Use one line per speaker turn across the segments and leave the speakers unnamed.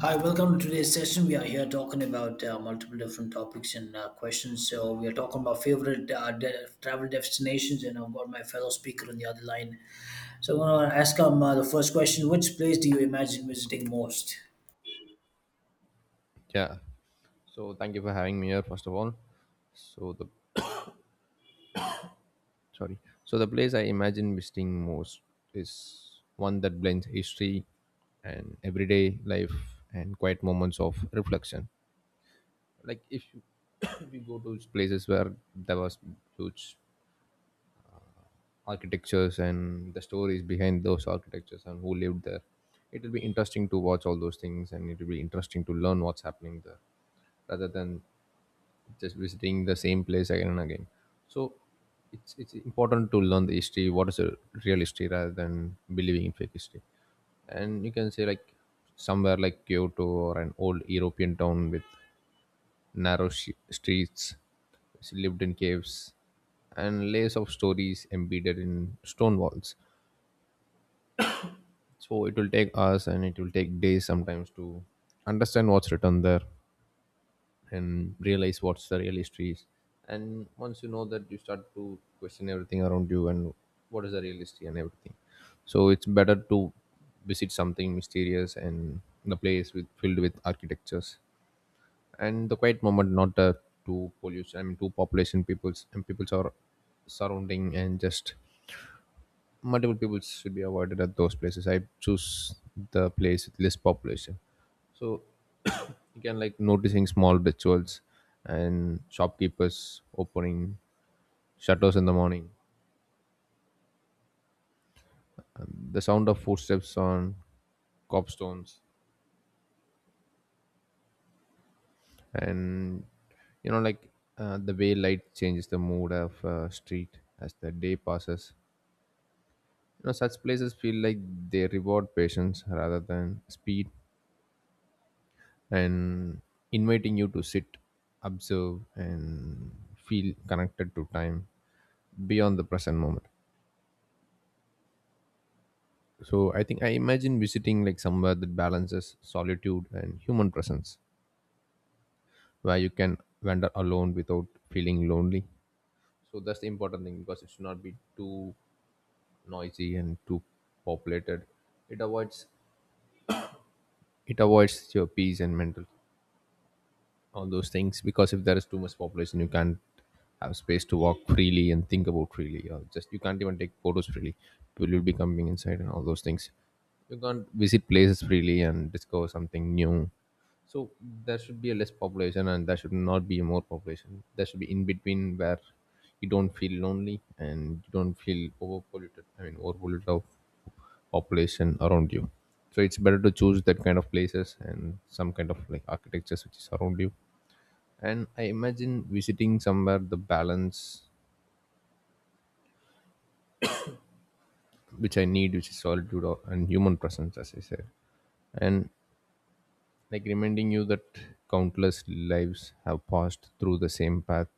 Hi, welcome to today's session. We are here talking about multiple different topics and questions. So we are talking about favorite travel destinations, and I've got my fellow speaker on the other line. So I want to ask him the first question: Which place do you imagine visiting most?
Yeah. So thank you for having me here, first of all. So the sorry. So the place I imagine visiting most is one that blends history and everyday life and quiet moments of reflection. Like if you, if you go to those places where there was huge architectures and the stories behind those architectures and who lived there, it will be interesting to watch all those things and it will be interesting to learn what's happening there rather than just visiting the same place again and again. So it's important to learn the history, what is a real history rather than believing in fake history. And you can say like somewhere like Kyoto or an old European town with streets, which lived in caves, and layers of stories embedded in stone walls. So it will take us, and it will take days sometimes to understand what's written there and realize what's the real history is. And once you know that, you start to question everything around you and what is the real history and everything. So it's better to visit something mysterious and the place with filled with architectures and the quiet moment, not too pollution. I mean, too population, peoples and peoples are surrounding, and just multiple people should be avoided at those places. I choose the place with less population. So you can like noticing small rituals and shopkeepers opening shutters in the morning, the sound of footsteps on cobstones, and you know like the way light changes the mood of a street as the day passes. You know, such places feel like they reward patience rather than speed, and inviting you to sit, observe, and feel connected to time beyond the present moment. So I think I imagine visiting like somewhere that balances solitude and human presence, where you can wander alone without feeling lonely. So that's the important thing, because it should not be too noisy and too populated. It avoids it avoids your peace and mental, all those things, because if there is too much population, you can't have space to walk freely and think about freely, or just you can't even take photos freely, people will be coming inside and all those things, you can't visit places freely and discover something new. So there should be a less population and there should not be more population, there should be in between, where you don't feel lonely and you don't feel overpolluted. I mean overpolluted of population around you. So it's better to choose that kind of places and some kind of like architectures which is around you. And I imagine visiting somewhere the balance which I need, which is and human presence, as I said. And like reminding you that countless lives have passed through the same path,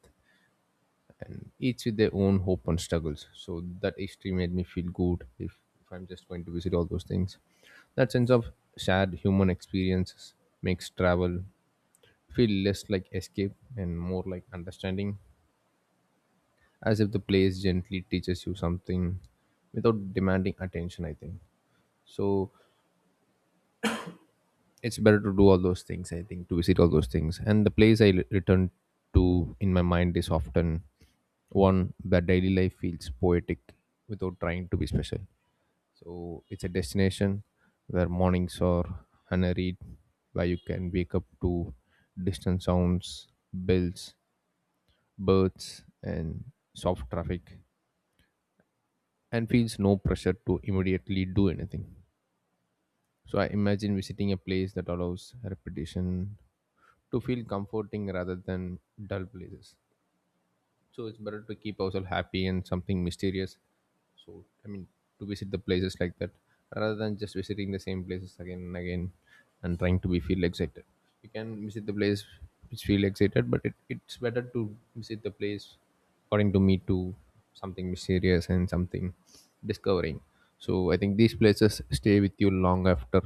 each with their own hope and struggles. So that history made me feel good if I'm just going to visit all those things. That sense of shared human experiences makes travel feel less like escape and more like understanding, as if the place gently teaches you something without demanding attention, I think. So it's better to do all those things, I think, to visit all those things. And the return to in my mind is often one that daily life feels poetic without trying to be special. So it's a destination where mornings are unhurried, where you can wake up to distant sounds, bells, birds, and soft traffic, and feels no pressure to immediately do anything. So I imagine visiting a place that allows repetition to feel comforting rather than dull places. So it's better to keep ourselves happy and something mysterious. So I mean, to visit the places like that rather than just visiting the same places again and again and trying to be feel excited. You can visit the place which feel excited, but it's better to visit the place, according to me, to something mysterious and something discovering. So I think these places stay with you long after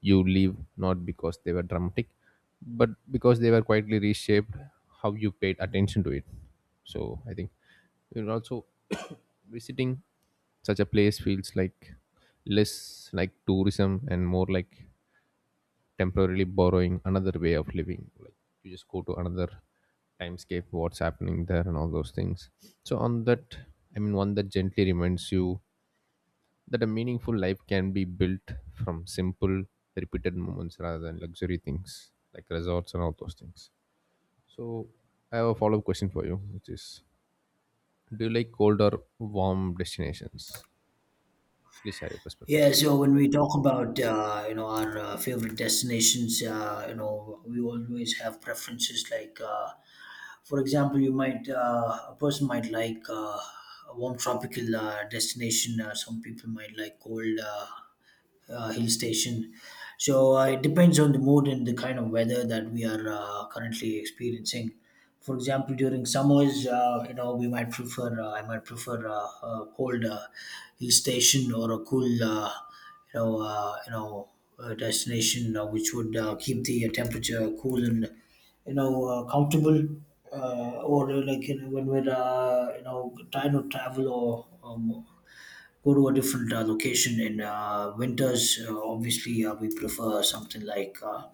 you leave, not because they were dramatic, but because they were quietly reshaped how you paid attention to it. So I think you're also visiting such a place feels like less like tourism and more like temporarily borrowing another way of living. Like you just go to another timescape, what's happening there and all those things. So on that, I mean, one that gently reminds you that a meaningful life can be built from simple repeated moments rather than luxury things like resorts and all those things. So I have a follow-up question for you, which is, do you like cold or warm destinations? Please share your
Yeah,
perspectives.
so when we talk about you know our favorite destinations, you know we always have preferences. Like, for example, you might a person might like a warm tropical destination. Some people might like cold hill station. So it depends on the mood and the kind of weather that we are currently experiencing. For example, during summers, you know, we might prefer I might prefer a cold hill station or a cool, you know, uh, you know, destination which would keep the temperature cool and comfortable. Or Like you know, when we're you know trying to travel or go to a different location in winters, obviously we prefer something like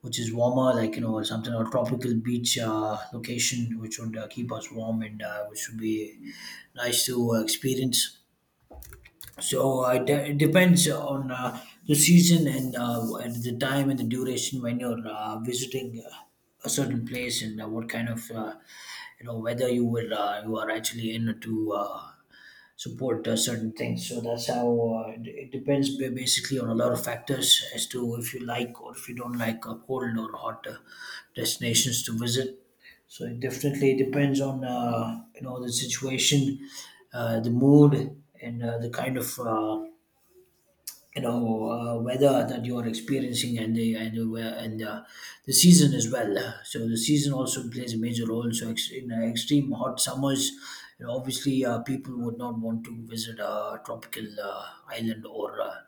which is warmer, like you know, something or tropical beach location which would keep us warm and which would be nice to experience. So it depends on the season and the time and the duration when you're visiting a certain place and what kind of you know whether you will you are actually in to support certain things. So that's how it depends basically on a lot of factors as to if you like or if you don't like cold or hot destinations to visit. So it definitely depends on you know the situation, the mood, and the kind of you know weather that you are experiencing and the season as well. So the season also plays a major role. So in extreme hot summers, you know, obviously people would not want to visit a tropical island or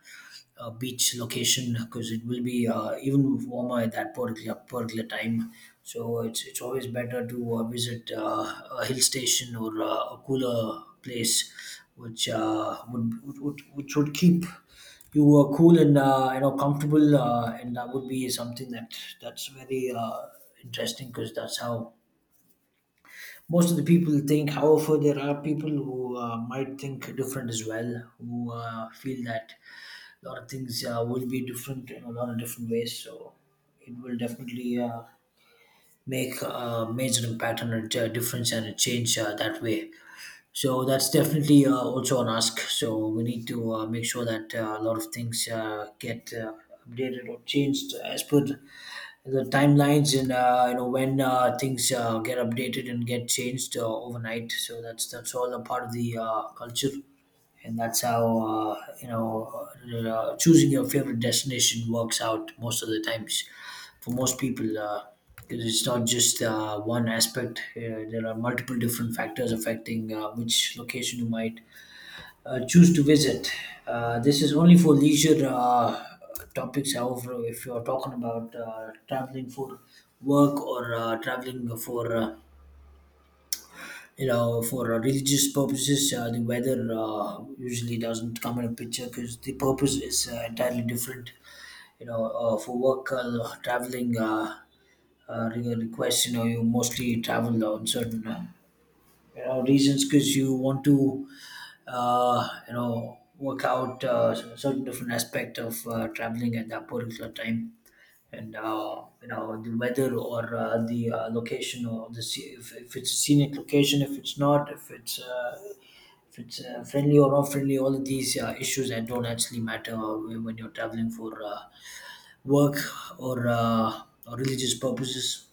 a beach location because it will be even warmer at that particular time. So it's always better to visit a hill station or a cooler place, which which would keep you were cool and you know comfortable, and that would be something that that's very interesting, because that's how most of the people think. However, there are people who might think different as well, who feel that a lot of things will be different in a lot of different ways. So it will definitely make a major impact and a difference and a change that way. So that's definitely also an ask. So we need to make sure that a lot of things get updated or changed as per the timelines and you know when things get updated and get changed overnight. So that's all a part of the culture, and that's how you know choosing your favorite destination works out most of the times for most people. 'Cause it's not just one aspect. There are multiple different factors affecting which location you might choose to visit. This is only for leisure topics. However, if you're talking about traveling for work or traveling for you know for religious purposes, the weather usually doesn't come in a picture because the purpose is entirely different. You know, for work traveling requests, you know, you mostly travel on certain. You know reasons because you want to you know work out certain different aspect of traveling at that particular time and you know the weather or the location or if it's a scenic location, if it's not, if it's if it's friendly or not friendly, all of these issues that don't actually matter when you're traveling for work or religious purposes.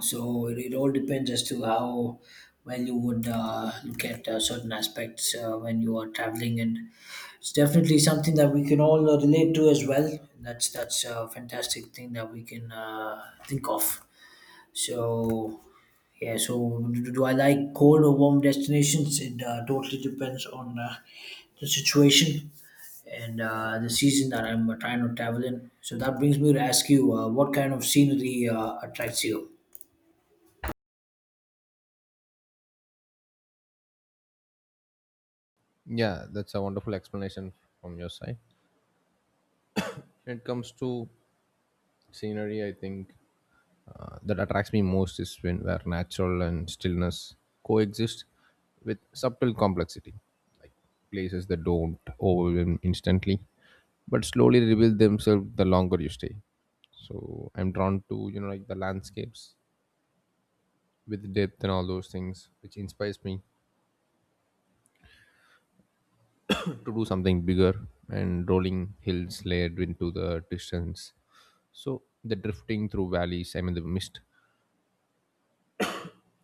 So it all depends as to how well you would look at certain aspects when you are traveling, and it's definitely something that we can all relate to as well. That's a fantastic thing that we can think of. So yeah, so do I like cold or warm destinations? It totally depends on the situation and the season that I'm trying to travel in. So that brings me to ask you, what kind of scenery attracts you?
Yeah, that's a wonderful explanation from your side. When it comes to scenery, I think that attracts me most is when where natural and stillness coexist with subtle complexity, like places that don't overwhelm instantly but slowly reveal themselves the longer you stay. So I'm drawn to, you know, like the landscapes with depth and all those things which inspires me to do something bigger, and rolling hills layered into the distance. So the drifting through valleys, I mean the mist,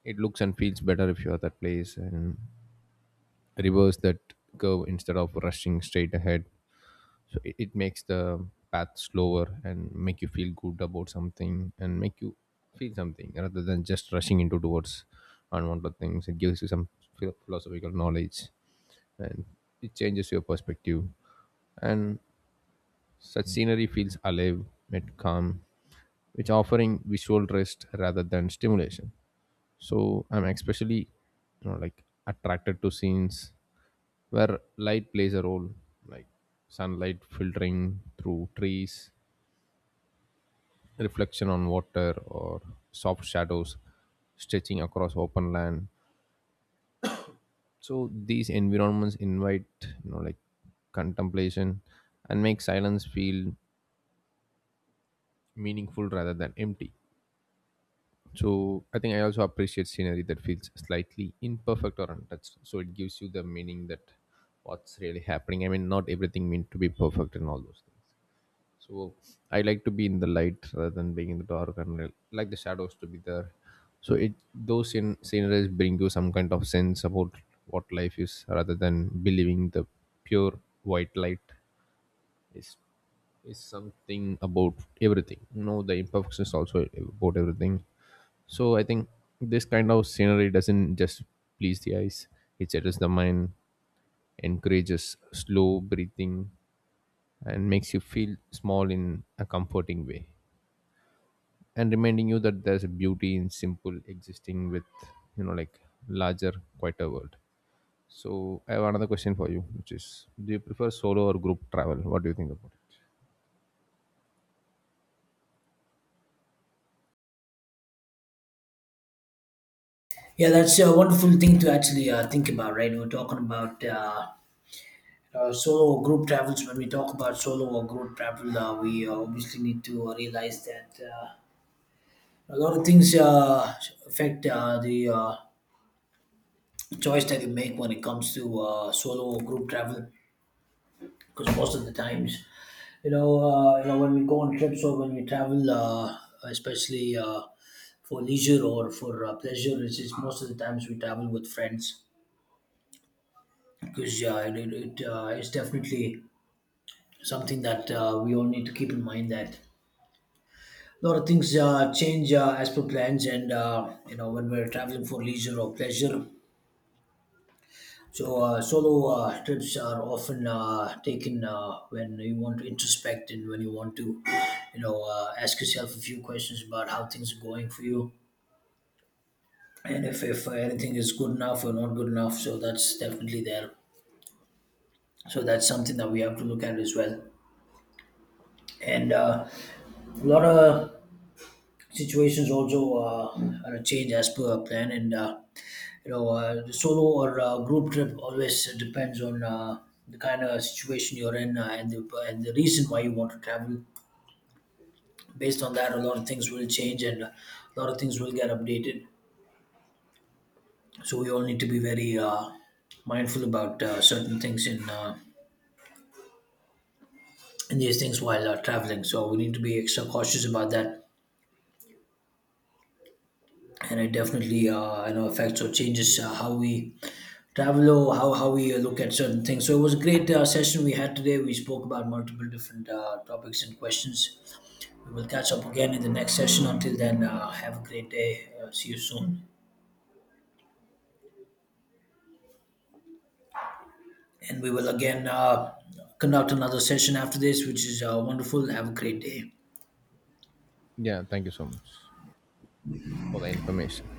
it looks and feels better if you're at that place and reverse that curve instead of rushing straight ahead. So it makes the path slower and make you feel good about something and make you feel something rather than just rushing into towards unwanted things. It gives you some philosophical knowledge, and it changes your perspective. And such scenery feels alive and calm, which offering visual rest rather than stimulation. So I'm especially, you know, like attracted to scenes where light plays a role, like sunlight filtering through trees, reflection on water, or soft shadows stretching across open land. So these environments invite, you know, like contemplation, and make silence feel meaningful rather than empty. So I think I also appreciate scenery that feels slightly imperfect or untouched, so it gives you the meaning that what's really happening. I mean, not everything meant to be perfect and all those things. So I like to be in the light rather than being in the dark, and I like the shadows to be there. So it those sceneries bring you some kind of sense about what life is, rather than believing the pure white light is is something about everything. You know, the imperfection is also about everything. So I think this kind of scenery doesn't just please the eyes; it settles the mind, encourages slow breathing, and makes you feel small in a comforting way, and reminding you that there's a beauty in simple existing with, you know, like larger quieter world. So I have another question for you, which is, do you prefer solo or group travel? What do you think about
Yeah, that's a wonderful thing to actually think about, right? We're talking about solo or group travels. When we talk about solo or group travel, we obviously need to realize that a lot of things affect the choice that you make when it comes to solo or group travel. Because most of the times, you know, when we go on trips or when we travel, especially for leisure or for pleasure, it's most of the times we travel with friends because yeah, it is definitely something that we all need to keep in mind that a lot of things change as per plans, and you know when we're traveling for leisure or pleasure. So solo trips are often taken when you want to introspect and when you want to, you know, ask yourself a few questions about how things are going for you, and if anything is good enough or not good enough. So that's definitely there. So that's something that we have to look at as well. And a lot of situations also are a change as per plan, and you know the solo or group trip always depends on the kind of situation you're in, and the reason why you want to travel. Based on that, a lot of things will change and a lot of things will get updated. So we all need to be very mindful about certain things in these things while traveling. So we need to be extra cautious about that, and it definitely you know affects or changes how we travel or how we look at certain things. So it was a great session we had today. We spoke about multiple different topics and questions. We will catch up again in the next session. Until then, have a great day, see you soon. And we will again conduct another session after this, which is wonderful. Have a great day.
it? Yeah, thank you so much for the information.